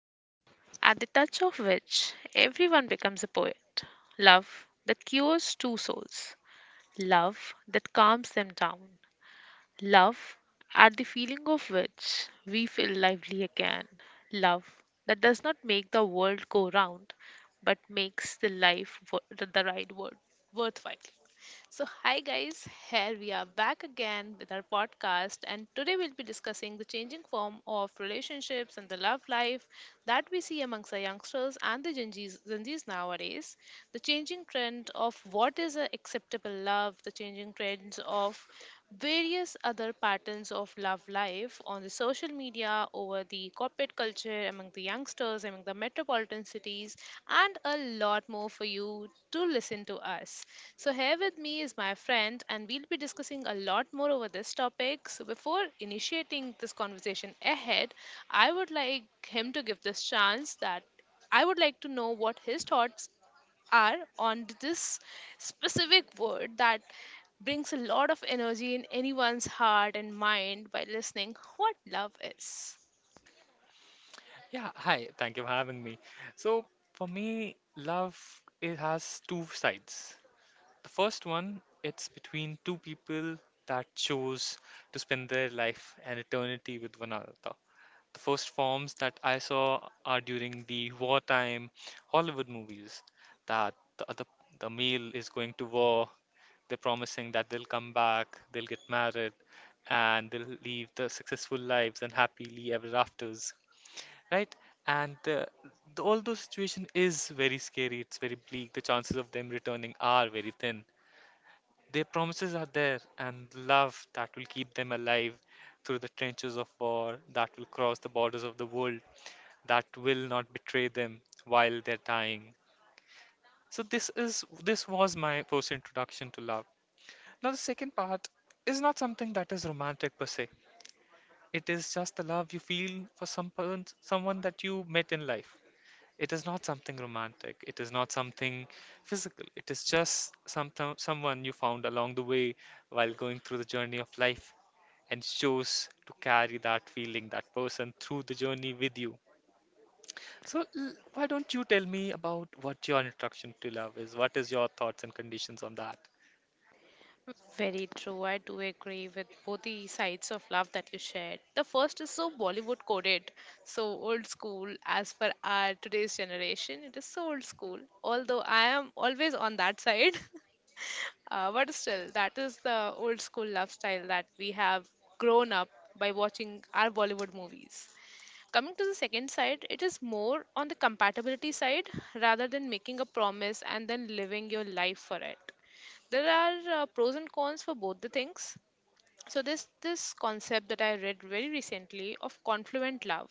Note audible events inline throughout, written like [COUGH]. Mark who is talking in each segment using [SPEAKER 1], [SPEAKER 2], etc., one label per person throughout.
[SPEAKER 1] Love, at the touch of which everyone becomes a poet. Love that cures two souls. Love that calms them down. Love, at the feeling of which we feel lively again. Love that does not make the world go round, but makes the life the right word worthwhile. So, hi guys, here we are back again with our podcast, and today we'll be discussing the changing form of relationships and the love life that we see amongst the youngsters and the Gen Zs nowadays, the changing trend of what is an acceptable love, the changing trends of various other patterns of love life on the social media over the corporate culture among the youngsters among the metropolitan cities, and a lot more for you to listen to us. So here with me is my friend, and we'll be discussing a lot more over this topic. So before initiating this conversation ahead, I would like him to give this chance that I would like to know what his thoughts are on this specific word that brings a lot of energy in anyone's heart and mind by listening what love is.
[SPEAKER 2] Yeah, hi. Thank you for having me. So, for me, love it has two sides. The first one, it's between two people that chose to spend their life and eternity with one another. The first forms that I saw are during the wartime Hollywood movies that the male is going to war. They're promising that they'll come back, they'll get married, and they'll live the successful lives and happily ever afters, right? And uh, th- Although situation is very scary, it's very bleak, the chances of them returning are very thin. Their promises are there, and love that will keep them alive through the trenches of war, that will cross the borders of the world, that will not betray them while they're dying. So this was my first introduction to love. Now the second part is not something that is romantic per se. It is just the love you feel for someone that you met in life. It is not something romantic. It is not something physical. It is just someone you found along the way while going through the journey of life and chose to carry that feeling, that person through the journey with you. So, why don't you tell me about what your introduction to love is? What is your thoughts and conditions on that?
[SPEAKER 1] Very true. I do agree with both the sides of love that you shared. The first is so Bollywood coded, so old school as per our today's generation. It is so old school, although I am always on that side. [LAUGHS] But still, that is the old school lifestyle that we have grown up by watching our Bollywood movies. Coming to the second side, it is more on the compatibility side rather than making a promise and then living your life for it. There are pros and cons for both the things. So, there's this concept that I read very recently of confluent love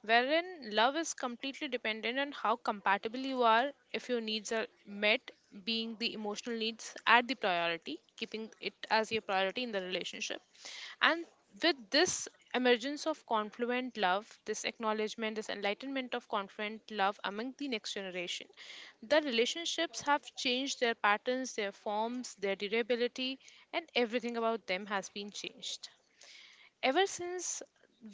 [SPEAKER 1] wherein love is completely dependent on how compatible you are. If your needs are met, being the emotional needs at the priority, keeping it as your priority in the relationship. And with this emergence of confluent love, this acknowledgement, this enlightenment of confluent love among the next generation, the relationships have changed their patterns, their forms, their durability, and everything about them has been changed. Ever since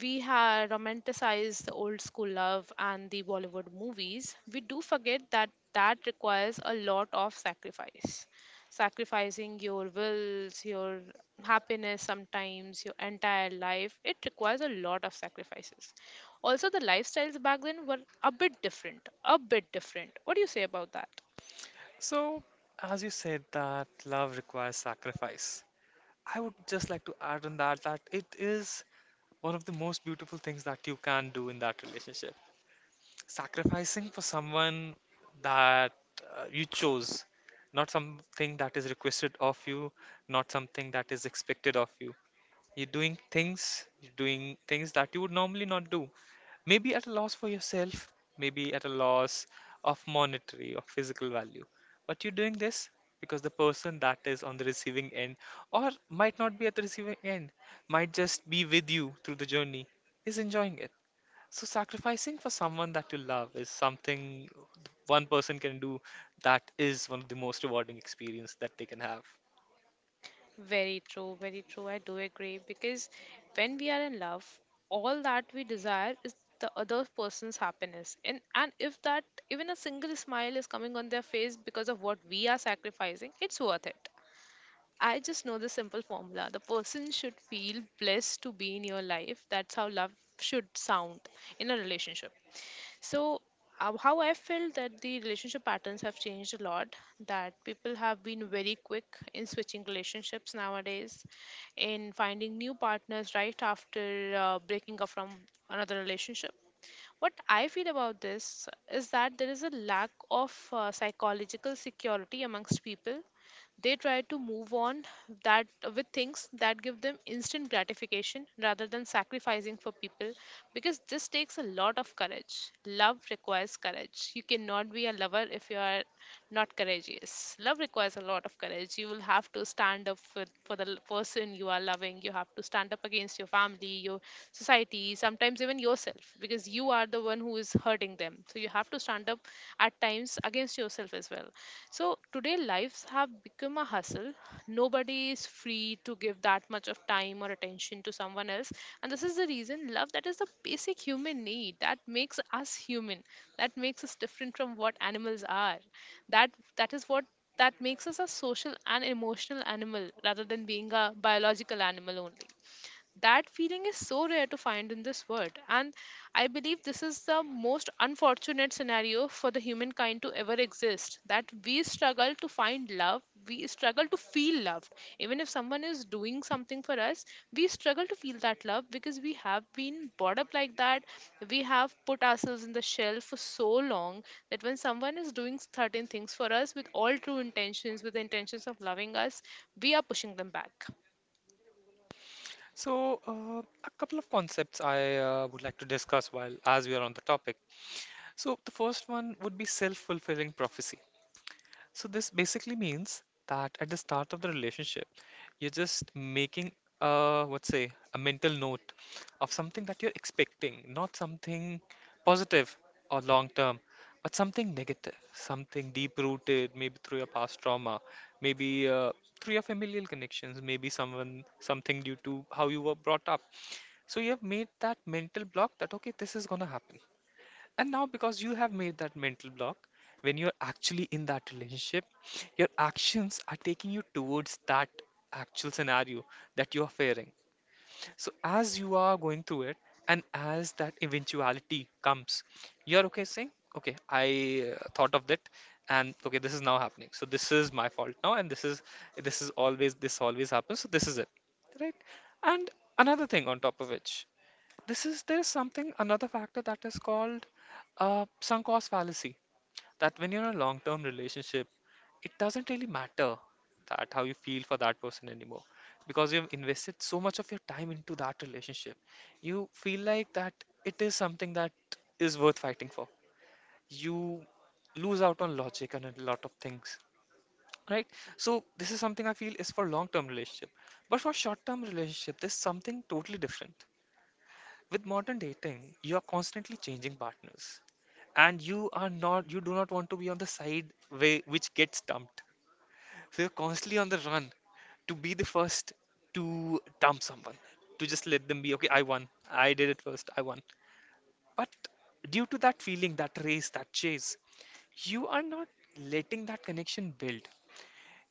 [SPEAKER 1] we have romanticized the old school love and the Bollywood movies, we do forget that that requires a lot of sacrifice. Sacrificing your wills, your happiness, sometimes your entire life, it requires a lot of sacrifices. Also, the lifestyles back then were a bit different. A bit different. What do you say about that?
[SPEAKER 2] So, as you said that love requires sacrifice, I would just like to add on that it is one of the most beautiful things that you can do in that relationship. Sacrificing for someone that you chose, not something that is requested of you, not something that is expected of you. You're doing things that you would normally not do. Maybe at a loss for yourself, maybe at a loss of monetary or physical value. But you're doing this because the person that is on the receiving end, or might not be at the receiving end, might just be with you through the journey, is enjoying it. So sacrificing for someone that you love is something one person can do that is one of the most rewarding experience that they can have.
[SPEAKER 1] Very true, very true. I do agree because when we are in love, all that we desire is the other person's happiness. And if that even a single smile is coming on their face because of what we are sacrificing, it's worth it. I just know the simple formula. The person should feel blessed to be in your life. That's how love should sound in a relationship. So, how I felt that the relationship patterns have changed a lot, that people have been very quick in switching relationships nowadays, in finding new partners right after breaking up from another relationship. What I feel about this is that there is a lack of psychological security amongst people. They try to move on that with things that give them instant gratification rather than sacrificing for people, because this takes a lot of courage. Love requires courage. You cannot be a lover if you are not courageous. Love requires a lot of courage. You will have to stand up for the person you are loving. You have to stand up against your family, your society, sometimes even yourself, because you are the one who is hurting them. So you have to stand up at times against yourself as well. So today lives have become a hustle. Nobody is free to give that much of time or attention to someone else. And this is the reason love that is the basic human need that makes us human. That makes us different from what animals are. That that is what that makes us a social and emotional animal rather than being a biological animal only. That feeling is so rare to find in this world, and I believe this is the most unfortunate scenario for the humankind to ever exist. That we struggle to find love, we struggle to feel loved. Even if someone is doing something for us, we struggle to feel that love because we have been brought up like that. We have put ourselves in the shell for so long that when someone is doing certain things for us with all true intentions, with the intentions of loving us, we are pushing them back.
[SPEAKER 2] So a couple of concepts I would like to discuss while as we are on the topic. So the first one would be self-fulfilling prophecy. So this basically means that at the start of the relationship, you're just making a what say a mental note of something that you're expecting, not something positive or long term, but something negative, something deep rooted, maybe through your past trauma, maybe through your familial connections, maybe someone something due to how you were brought up. So you have made that mental block that okay, this is gonna happen. And now, because you have made that mental block, when you're actually in that relationship, your actions are taking you towards that actual scenario that you are fearing. So, as you are going through it, and as that eventuality comes, you're okay saying, okay, I thought of that, and okay, this is now happening. So, this is my fault now, and this always happens. So, this is it, right? And another thing on top of which this is there's something another factor that is called sunk cost fallacy. That when you're in a long-term relationship, it doesn't really matter that how you feel for that person anymore because you've invested so much of your time into that relationship. You feel like that it is something that is worth fighting for. You lose out on logic and a lot of things, right? So this is something I feel is for long-term relationship. But for short-term relationship, there's something totally different. With modern dating, you are constantly changing partners, and you do not want to be on the side way which gets dumped. So you're constantly on the run to be the first to dump someone, to just let them be okay. I won. I did it first. I won. But due to that feeling, that race, that chase, you are not letting that connection build.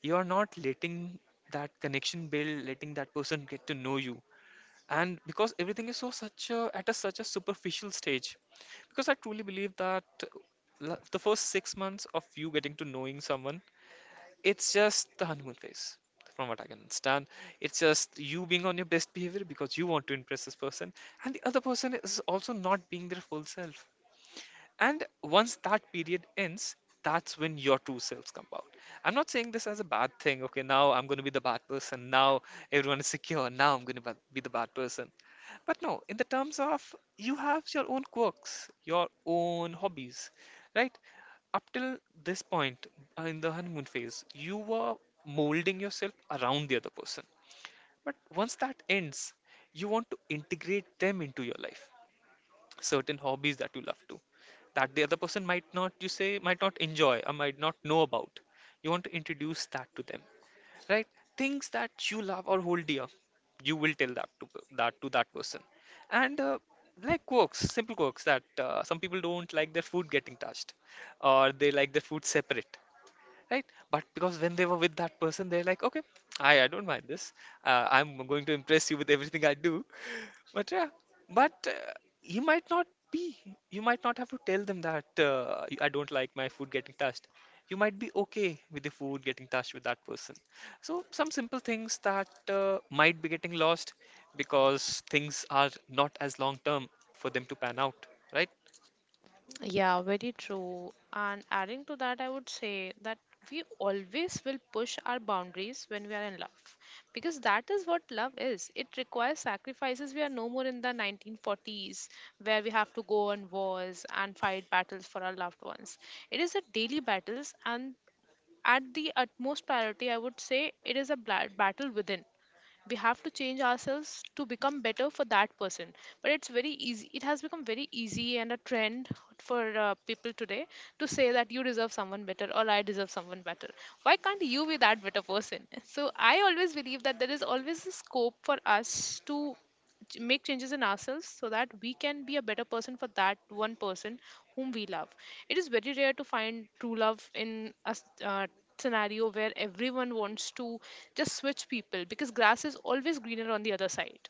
[SPEAKER 2] You are not letting that connection build, letting that person get to know you, and because everything is such a superficial stage, because I truly believe that the first 6 months of you getting to knowing someone, it's just the honeymoon phase, from what I can understand. It's just you being on your best behavior because you want to impress this person, and the other person is also not being their full self, and once that period ends, that's when your true selves come out. I'm not saying this as a bad thing. Okay, now I'm going to be the bad person. Now everyone is secure. Now I'm going to be the bad person. But no, in the terms of you have your own quirks, your own hobbies, right? Up till this point in the honeymoon phase, you were molding yourself around the other person. But once that ends, you want to integrate them into your life. Certain hobbies that you love to that the other person might not, you say, might not enjoy or might not know about. You want to introduce that to them, right? Things that you love or hold dear, you will tell that person. And like quirks, simple quirks that some people don't like their food getting touched, or they like their food separate, right? But because when they were with that person, they're like, okay, I don't mind this, I'm going to impress you with everything I do. But yeah, but you might not be. You might not have to tell them that I don't like my food getting touched. You might be okay with the food getting touched with that person. So some simple things that might be getting lost because things are not as long term for them to pan out, right?
[SPEAKER 1] Yeah, very true. And adding to that, I would say that we always will push our boundaries when we are in love because that is what love is. It requires sacrifices. We are no more in the 1940s where we have to go on wars and fight battles for our loved ones. It is a daily battles, and at the utmost priority, I would say it is a battle within. We have to change ourselves to become better for that person, but it's very easy, it has become very easy and a trend for people today to say that you deserve someone better or I deserve someone better. Why can't you be that better person? [LAUGHS] So I always believe that there is always a scope for us to make changes in ourselves so that we can be a better person for that one person whom we love. It is very rare to find true love in a scenario where everyone wants to just switch people because grass is always greener on the other side.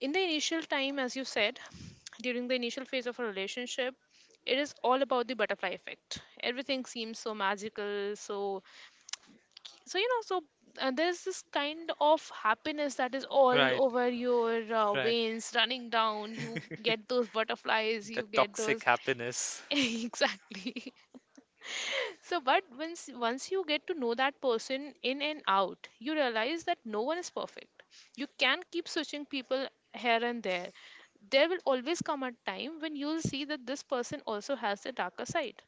[SPEAKER 1] In the initial time, as you said, during the initial phase of a relationship, it is all about the butterfly effect. Everything seems so magical, so so you know so there's this kind of happiness that is all
[SPEAKER 2] Right,
[SPEAKER 1] over your
[SPEAKER 2] right.
[SPEAKER 1] veins running down. You get those butterflies,
[SPEAKER 2] The
[SPEAKER 1] you get
[SPEAKER 2] toxic
[SPEAKER 1] those
[SPEAKER 2] happiness.
[SPEAKER 1] [LAUGHS] exactly. So but once you get to know that person in and out, you realize that no one is perfect. You can keep switching people here and there. There will always come a time when you'll see that this person also has the darker side,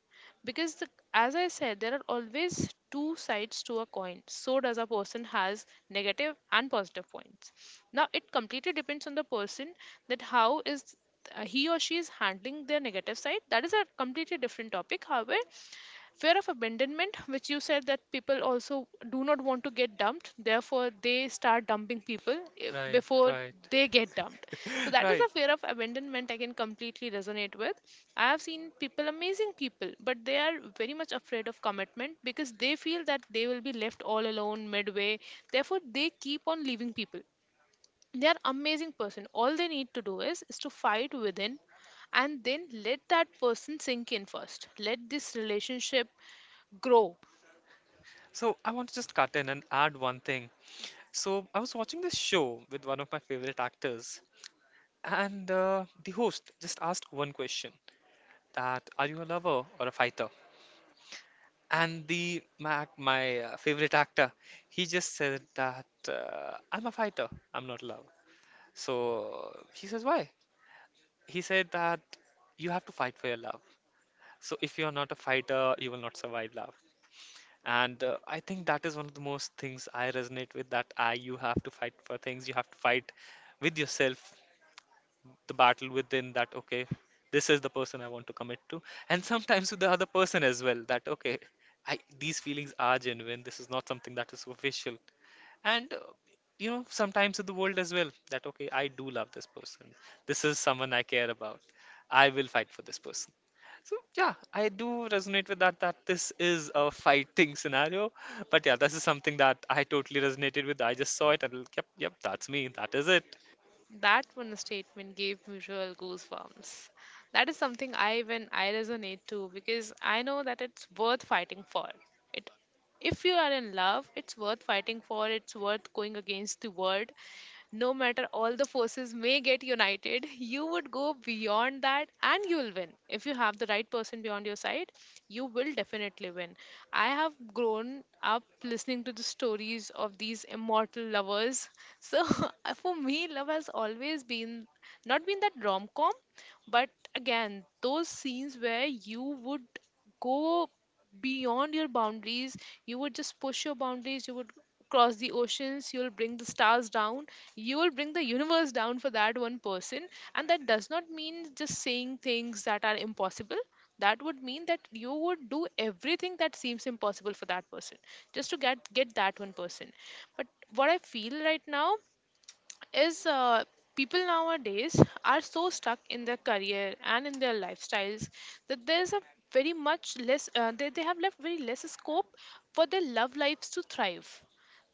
[SPEAKER 1] because as I said, there are always two sides to a coin, so does a person has negative and positive points. Now it completely depends on the person that how is he or she is handling their negative side. That is a completely different topic. However, fear of abandonment, which you said, that people also do not want to get dumped, therefore they start dumping people
[SPEAKER 2] Right,
[SPEAKER 1] before
[SPEAKER 2] right.
[SPEAKER 1] they get dumped. So that is
[SPEAKER 2] Right.
[SPEAKER 1] a fear of abandonment I can completely resonate with. I have seen people, amazing people, but they are very much afraid of commitment because they feel that they will be left all alone midway, therefore they keep on leaving people. They are amazing person. All they need to do is to fight within and then let that person sink in. First let this relationship grow.
[SPEAKER 2] So I want to just cut in and add one thing. So I was watching this show with one of my favorite actors. And the host just asked one question, that are you a lover or a fighter? And my favorite actor, he just said that I'm a fighter, I'm not a lover. So he says why? He said that you have to fight for your love. So if you're not a fighter, you will not survive love. And I think that is one of the most things I resonate with, that I you have to fight for things, you have to fight with yourself, the battle within, that okay, this is the person I want to commit to, and sometimes with the other person as well, that okay, these feelings are genuine, this is not something that is superficial. And you know, sometimes in the world as well, that okay, I do love this person, this is someone I care about, I will fight for this person. So yeah, I do resonate with that, that this is a fighting scenario. But yeah, this is something that I totally resonated with. I just saw it and yep, yep, that's me, that is it.
[SPEAKER 1] That one statement gave mutual goosebumps. That is something I, even I, resonate to, because I know that it's worth fighting for it. If you are in love, it's worth fighting for, it's worth going against the world. No matter all the forces may get united, you would go beyond that and you will win. If you have the right person beyond your side, you will definitely win. I have grown up listening to the stories of these immortal lovers. So [LAUGHS] for me, love has always been not been that rom com, but again, those scenes where you would go beyond your boundaries, you would just push your boundaries, you would cross the oceans, you'll bring the stars down, you will bring the universe down for that one person. And that does not mean just saying things that are impossible. That would mean that you would do everything that seems impossible for that person, just to get that one person. But what I feel right now is people nowadays are so stuck in their career and in their lifestyles, that there's a very much less they have left very less scope for their love lives to thrive.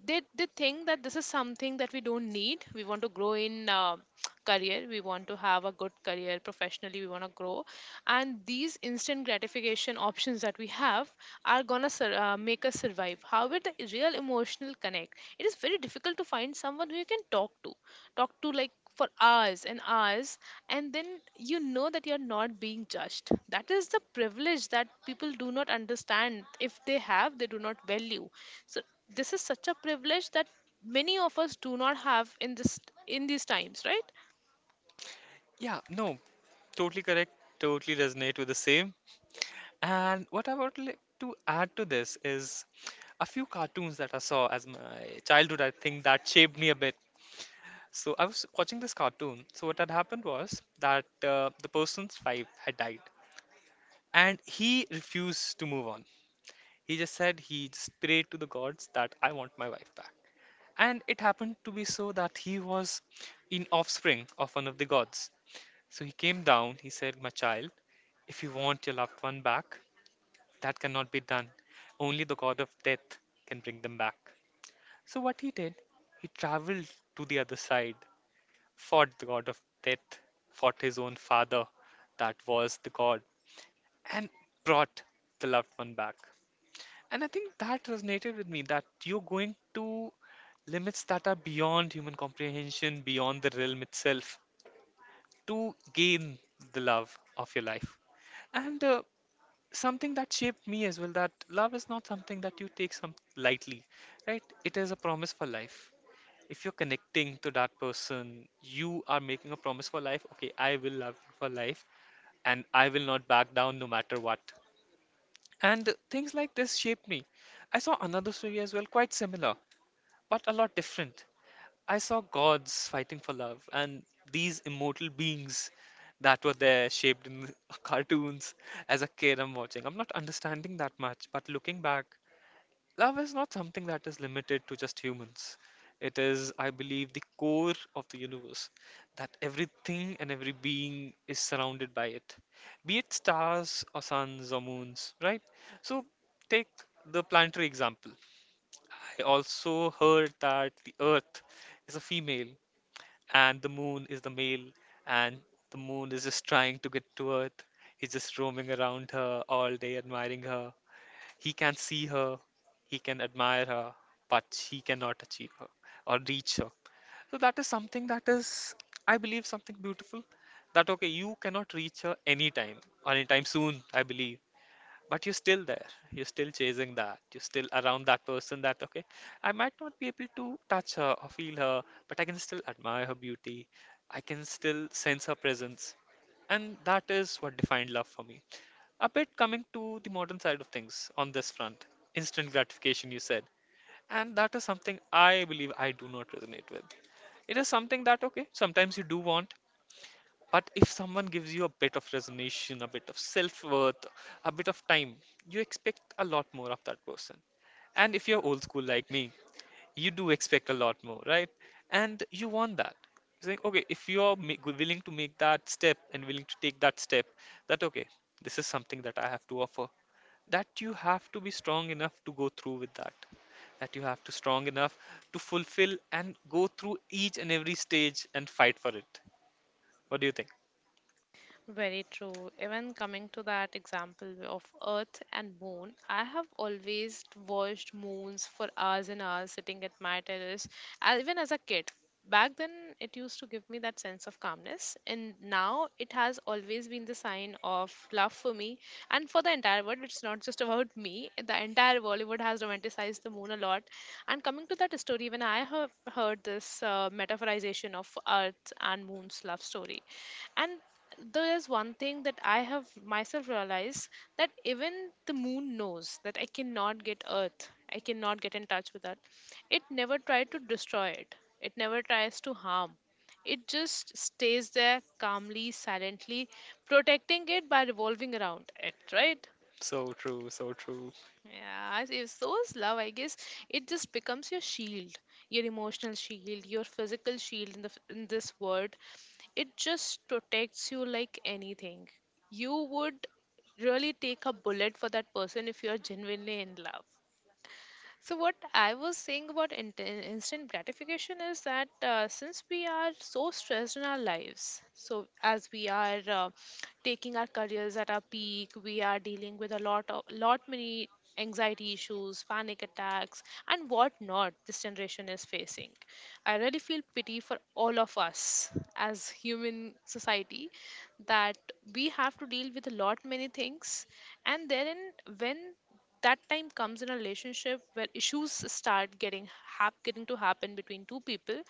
[SPEAKER 1] They think that this is something that we don't need. We want to grow in [TSK] career, we want to have a good career professionally, we want to grow. And these instant gratification options that we have are gonna make us survive. However, the real emotional connect, it is very difficult to find someone who you can talk to like for hours and hours. And then you know that you're not being judged. That is the privilege that people do not understand. If they have, they do not value. So this is such a privilege that many of us do not have in this in these times, right?
[SPEAKER 2] Yeah, no, totally correct, totally resonate with the same. And what I would like to add to this is a few cartoons that I saw as my childhood, I think that shaped me a bit. So I was watching this cartoon. So what had happened was that the person's wife had died, and he refused to move on. He just prayed to the gods that I want my wife back. And it happened to be so that he was in offspring of one of the gods. So he came down, he said, my child, if you want your loved one back, that cannot be done. Only the god of death can bring them back. So what he did, he traveled to the other side, fought the god of death, fought his own father, that was the god, and brought the loved one back. And I think that resonated with me that you're going to limits that are beyond human comprehension, beyond the realm itself, to gain the love of your life. And something that shaped me as well, that love is not something that you take some lightly, right? It is a promise for life. If you're connecting to that person, you are making a promise for life. Okay, I will love you for life, and I will not back down no matter what. And things like this shaped me. I saw another story as well, quite similar, but a lot different. I saw gods fighting for love, and these immortal beings that were there shaped in [LAUGHS] cartoons as a kid I'm watching. I'm not understanding that much, but looking back, love is not something that is limited to just humans. It is, I believe, the core of the universe, that everything and every being is surrounded by it, be it stars or suns or moons, right? So, take the planetary example. I also heard that the Earth is a female and the moon is the male, and the moon is just trying to get to Earth. He's just roaming around her all day, admiring her. He can see her, he can admire her, but he cannot achieve her or reach her. So that is something that is, I believe, something beautiful. That okay, you cannot reach her anytime or anytime soon, I believe, but you're still there, you're still chasing, that you're still around that person. That okay, I might not be able to touch her or feel her, but I can still admire her beauty. I can still sense her presence, and that is what defined love for me. A bit coming to the modern side of things on this front, instant gratification you said, and that is something I believe I do not resonate with. It is something that okay, sometimes you do want, but if someone gives you a bit of resignation, a bit of self-worth, a bit of time, you expect a lot more of that person. And if you're old school like me, you do expect a lot more, right? And you want that. It's like, okay, if willing to make that step and willing to take that step, that okay, this is something that I have to offer. That you have to be strong enough to go through with that. That you have to strong enough to fulfill and go through each and every stage and fight for it. What do you think?
[SPEAKER 1] Very true. Even coming to that example of Earth and Moon, I have always watched moons for hours and hours sitting at my terrace, even as a kid. Back then, it used to give me that sense of calmness, and now it has always been the sign of love for me and for the entire world. It's not just about me, the entire Bollywood has romanticized the moon a lot. And coming to that story, when I have heard this metaphorization of Earth and Moon's love story, and there is one thing that I have myself realized, that even the moon knows that I cannot get Earth, I cannot get in touch with Earth. It never tried to destroy it, it never tries to harm. It just stays there calmly, silently, protecting it by revolving around it, right?
[SPEAKER 2] So true, so true.
[SPEAKER 1] Yeah, if so is love, I guess it just becomes your shield, your emotional shield, your physical shield in in this world. It just protects you like anything. You would really take a bullet for that person if you are genuinely in love. So, what I was saying about instant gratification is that since we are so stressed in our lives, so as we are taking our careers at our peak, we are dealing with a lot many anxiety issues, panic attacks, and what not this generation is facing. I really feel pity for all of us as human society, that we have to deal with a lot many things, and therein, when that time comes in a relationship where issues start getting to happen between two people,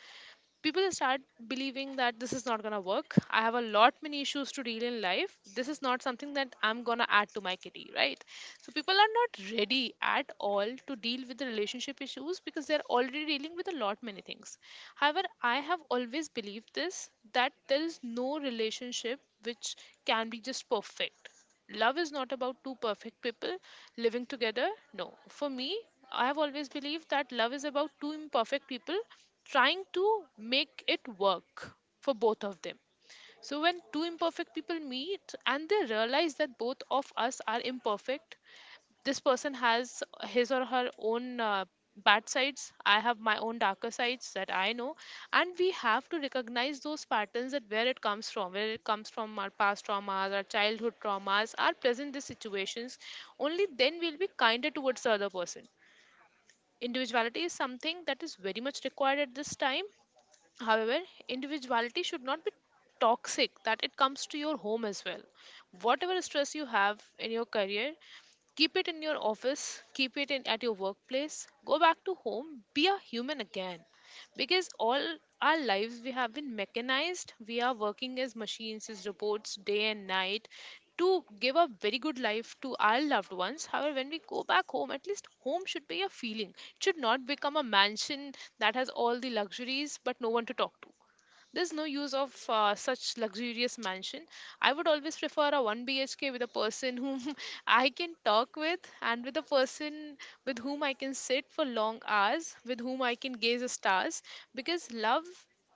[SPEAKER 1] people start believing that this is not going to work. I have a lot many issues to deal in life, this is not something that I'm going to add to my kitty, right? So people are not ready at all to deal with the relationship issues, because they're already dealing with a lot many things. However, I have always believed this, that there is no relationship which can be just perfect. Love is not about two perfect people living together. No, for me, I have always believed that love is about two imperfect people trying to make it work for both of them. So when two imperfect people meet and they realize that both of us are imperfect, this person has his or her own bad sides, I have my own darker sides that I know, and we have to recognize those patterns, that where it comes from. Our past traumas, our childhood traumas, our present day situations. Only then we'll be kinder towards the other person. Individuality is something that is very much required at this time. However, individuality should not be toxic, that it comes to your home as well. Whatever stress you have in your career, keep it in your office, at your workplace. Go back to home, be a human again. Because all our lives we have been mechanized, we are working as machines, as robots, day and night, to give a very good life to our loved ones. However, when we go back home, at least home should be a feeling. It should not become a mansion that has all the luxuries but no one to talk to. There's no use of such luxurious mansion. I would always prefer a 1 BHK with a person whom [LAUGHS] I can talk with, and with a person with whom I can sit for long hours, with whom I can gaze at stars. Because love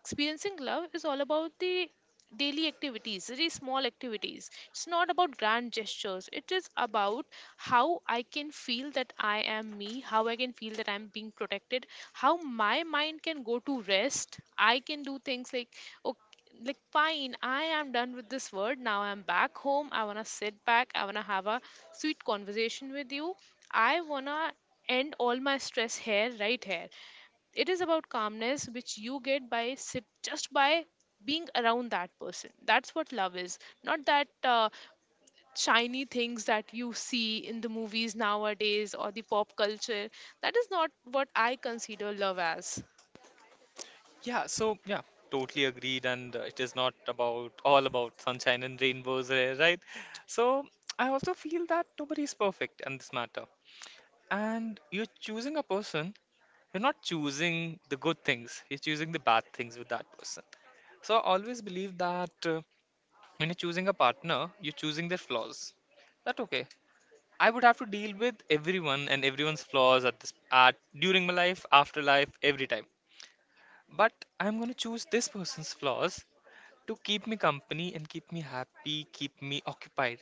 [SPEAKER 1] experiencing love is all about the daily activities, very small activities. It's not about grand gestures. It is about how I can feel that I am me, how I can feel that I'm being protected, how my mind can go to rest. I can do things like, okay, like fine, I am done with this word. Now I'm back home. I wanna sit back. I wanna have a sweet conversation with you. I wanna end all my stress here, right here. It is about calmness which you get by sit just by being around that person. That's what love is. Not that shiny things that you see in the movies nowadays or the pop culture. That is not what I consider love as.
[SPEAKER 2] Yeah, so yeah, totally agreed. And it is not about all about sunshine and rainbows, eh, right? So I also feel that nobody is perfect in this matter. And you're choosing a person, you're not choosing the good things, you're choosing the bad things with that person. So I always believe that when you're choosing a partner, you're choosing their flaws. That okay. I would have to deal with everyone and everyone's flaws at this at during my life, after life, every time. But I'm going to choose this person's flaws to keep me company and keep me happy, keep me occupied,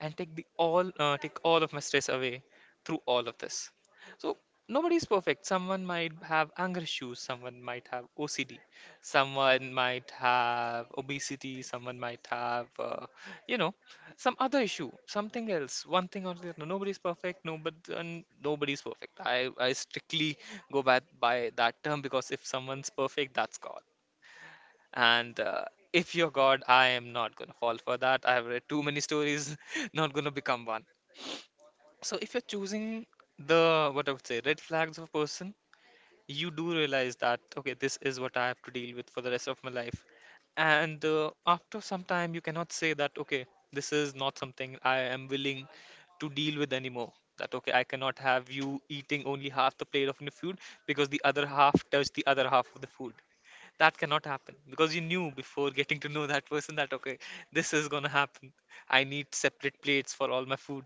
[SPEAKER 2] and take the all take all of my stress away through all of this. So nobody is perfect. Someone might have anger issues, someone might have OCD, someone might have obesity, someone might have uh, you know some other issue, something else, one thing or the other. Nobody's perfect. Nobody's perfect. I strictly go by that term because if someone's perfect, that's God. And if you're God, I am not gonna fall for that. I have read too many stories, [LAUGHS] not gonna become one. So if you're choosing the what I would say red flags of a person, you do realize that okay, this is what I have to deal with for the rest of my life. And after some time, you cannot say that okay, this is not something I am willing to deal with anymore. That okay, I cannot have you eating only half the plate of the food because the other half touched the other half of the food. That cannot happen because you knew before getting to know that person that okay, this is gonna happen. I need separate plates for all my food.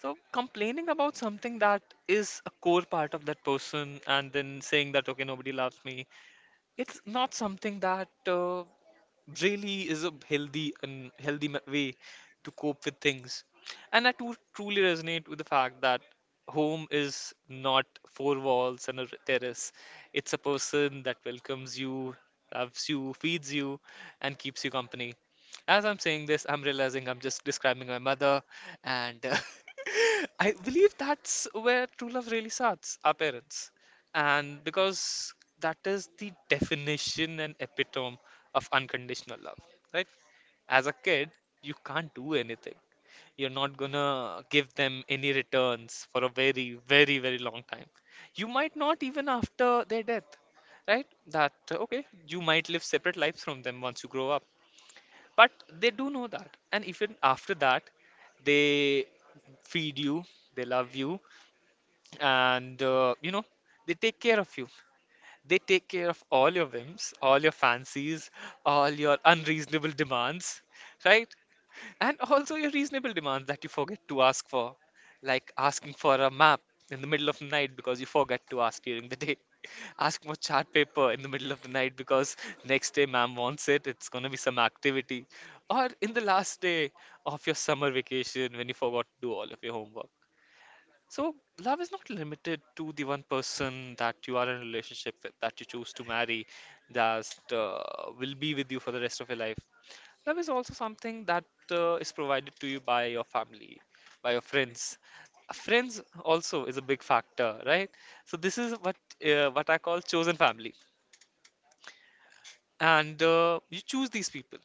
[SPEAKER 2] So complaining about something that is a core part of that person and then saying that okay, nobody loves me, it's not something that really is a healthy way to cope with things. And I too truly resonate with the fact that home is not four walls and terrace. It's a person that welcomes you, loves you, feeds you, and keeps you company. As I'm saying this, I'm realizing I'm just describing my mother, and [LAUGHS] I believe that's where true love really starts, our parents. And because that is the definition and epitome of unconditional love, right? As a kid, you can't do anything. You're not gonna give them any returns for a very, very, very long time. You might not even after their death, right? That, okay, you might live separate lives from them once you grow up. But they do know that. And even after that, they feed you, they love you, and they take care of you. They take care of all your whims, all your fancies, all your unreasonable demands, right? And also your reasonable demands that you forget to ask for, like asking for a map in the middle of the night because you forget to ask during the day. [LAUGHS] Asking for chart paper in the middle of the night because next day ma'am wants it, it's gonna be some activity. Or in the last day of your summer vacation when you forgot to do all of your homework. So, love is not limited to the one person that you are in a relationship with, that you choose to marry, that uh, will be with you for the rest of your life. Love is also something that is provided to you by your family, by your friends. Friends also is a big factor, right? So this is what what I call chosen family, and you choose these people.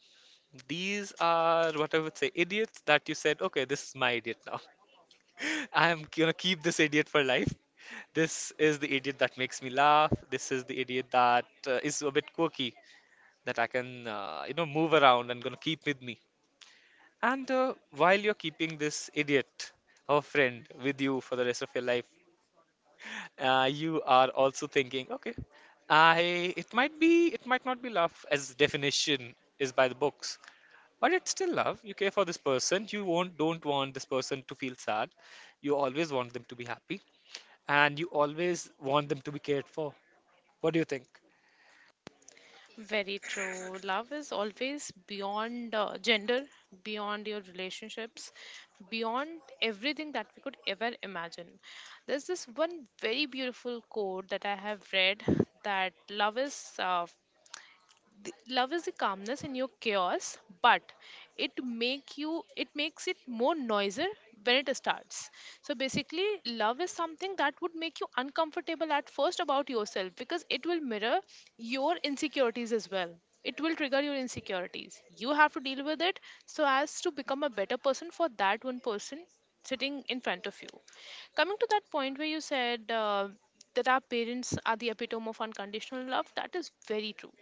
[SPEAKER 2] These are what I would say idiots that you said, okay, this is my idiot now. I'm gonna keep this idiot for life. This is the idiot that makes me laugh. This is the idiot that is a bit quirky, that I can, move around and gonna keep with me. And while you're keeping this idiot of a friend with you for the rest of your life, you are also thinking, okay, I it might be it might not be love as definition is by the books, but it's still love. You care for this person. You won't don't want this person to feel sad. You always want them to be happy and you always want them to be cared for. What do you think?
[SPEAKER 1] Very true. Love is always beyond gender, beyond your relationships, beyond everything that we could ever imagine. There's this one very beautiful quote that I have read, that love is uh, love is a calmness in your chaos, but it makes it more noisier when it starts. So basically, love is something that would make you uncomfortable at first about yourself, because it will mirror your insecurities as well. It will trigger your insecurities, you have to deal with it, so as to become a better person for that one person sitting in front of you. Coming to that point where you said that our parents are the epitome of unconditional love, that is very true.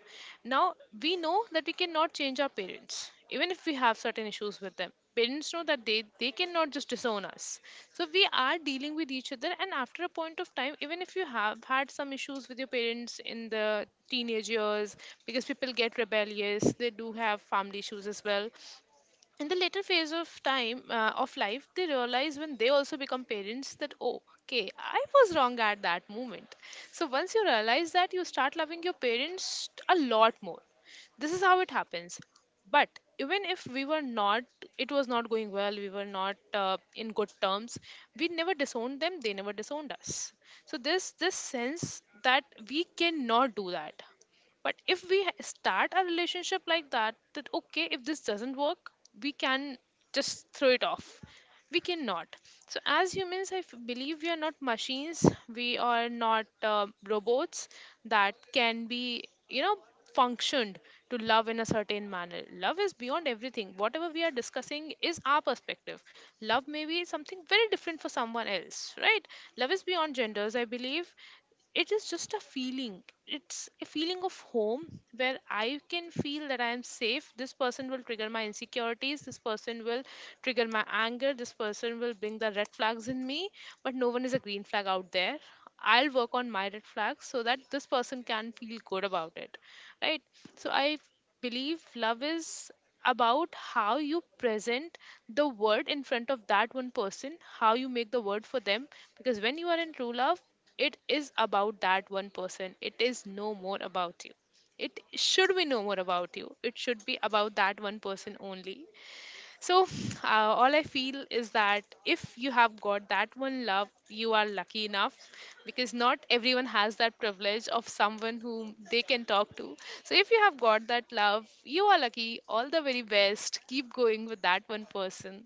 [SPEAKER 1] Now, we know that we cannot change our parents, even if we have certain issues with them. Parents know that they cannot just disown us. So we are dealing with each other, and after a point of time, even if you have had some issues with your parents in the teenage years, because people get rebellious, they do have family issues as well. In the later phase of time of life, they realize, when they also become parents, that oh okay, I was wrong at that moment. So once you realize that, you start loving your parents a lot more. This is how it happens. But even if we were not it was not going well, we were not in good terms, we never disowned them, they never disowned us. So this sense that we cannot do that. But if we start a relationship like that, that okay, if this doesn't work, we can just throw it off. We cannot. So, as humans, I believe we are not machines. We are not robots that can be, you know, functioned to love in a certain manner. Love is beyond everything. Whatever we are discussing is our perspective. Love may be something very different for someone else, right? Love is beyond genders, I believe. It is just a feeling, it's a feeling of home, where I can feel that I am safe. This person will trigger my insecurities, this person will trigger my anger, this person will bring the red flags in me. But no one is a green flag out there. I'll work on my red flags so that this person can feel good about it, right? So I believe love is about how you present the word in front of that one person, how you make the word for them. Because when you are in true love, it is about that one person, it is no more about you. It should be no more about you, it should be about that one person only. So, [SIGHS] uh, all I feel is that if you have got that one love, you are lucky enough, because not everyone has that privilege of someone whom they can talk to. So, if you have got that love, you are lucky. All the very best. Keep going with that one person.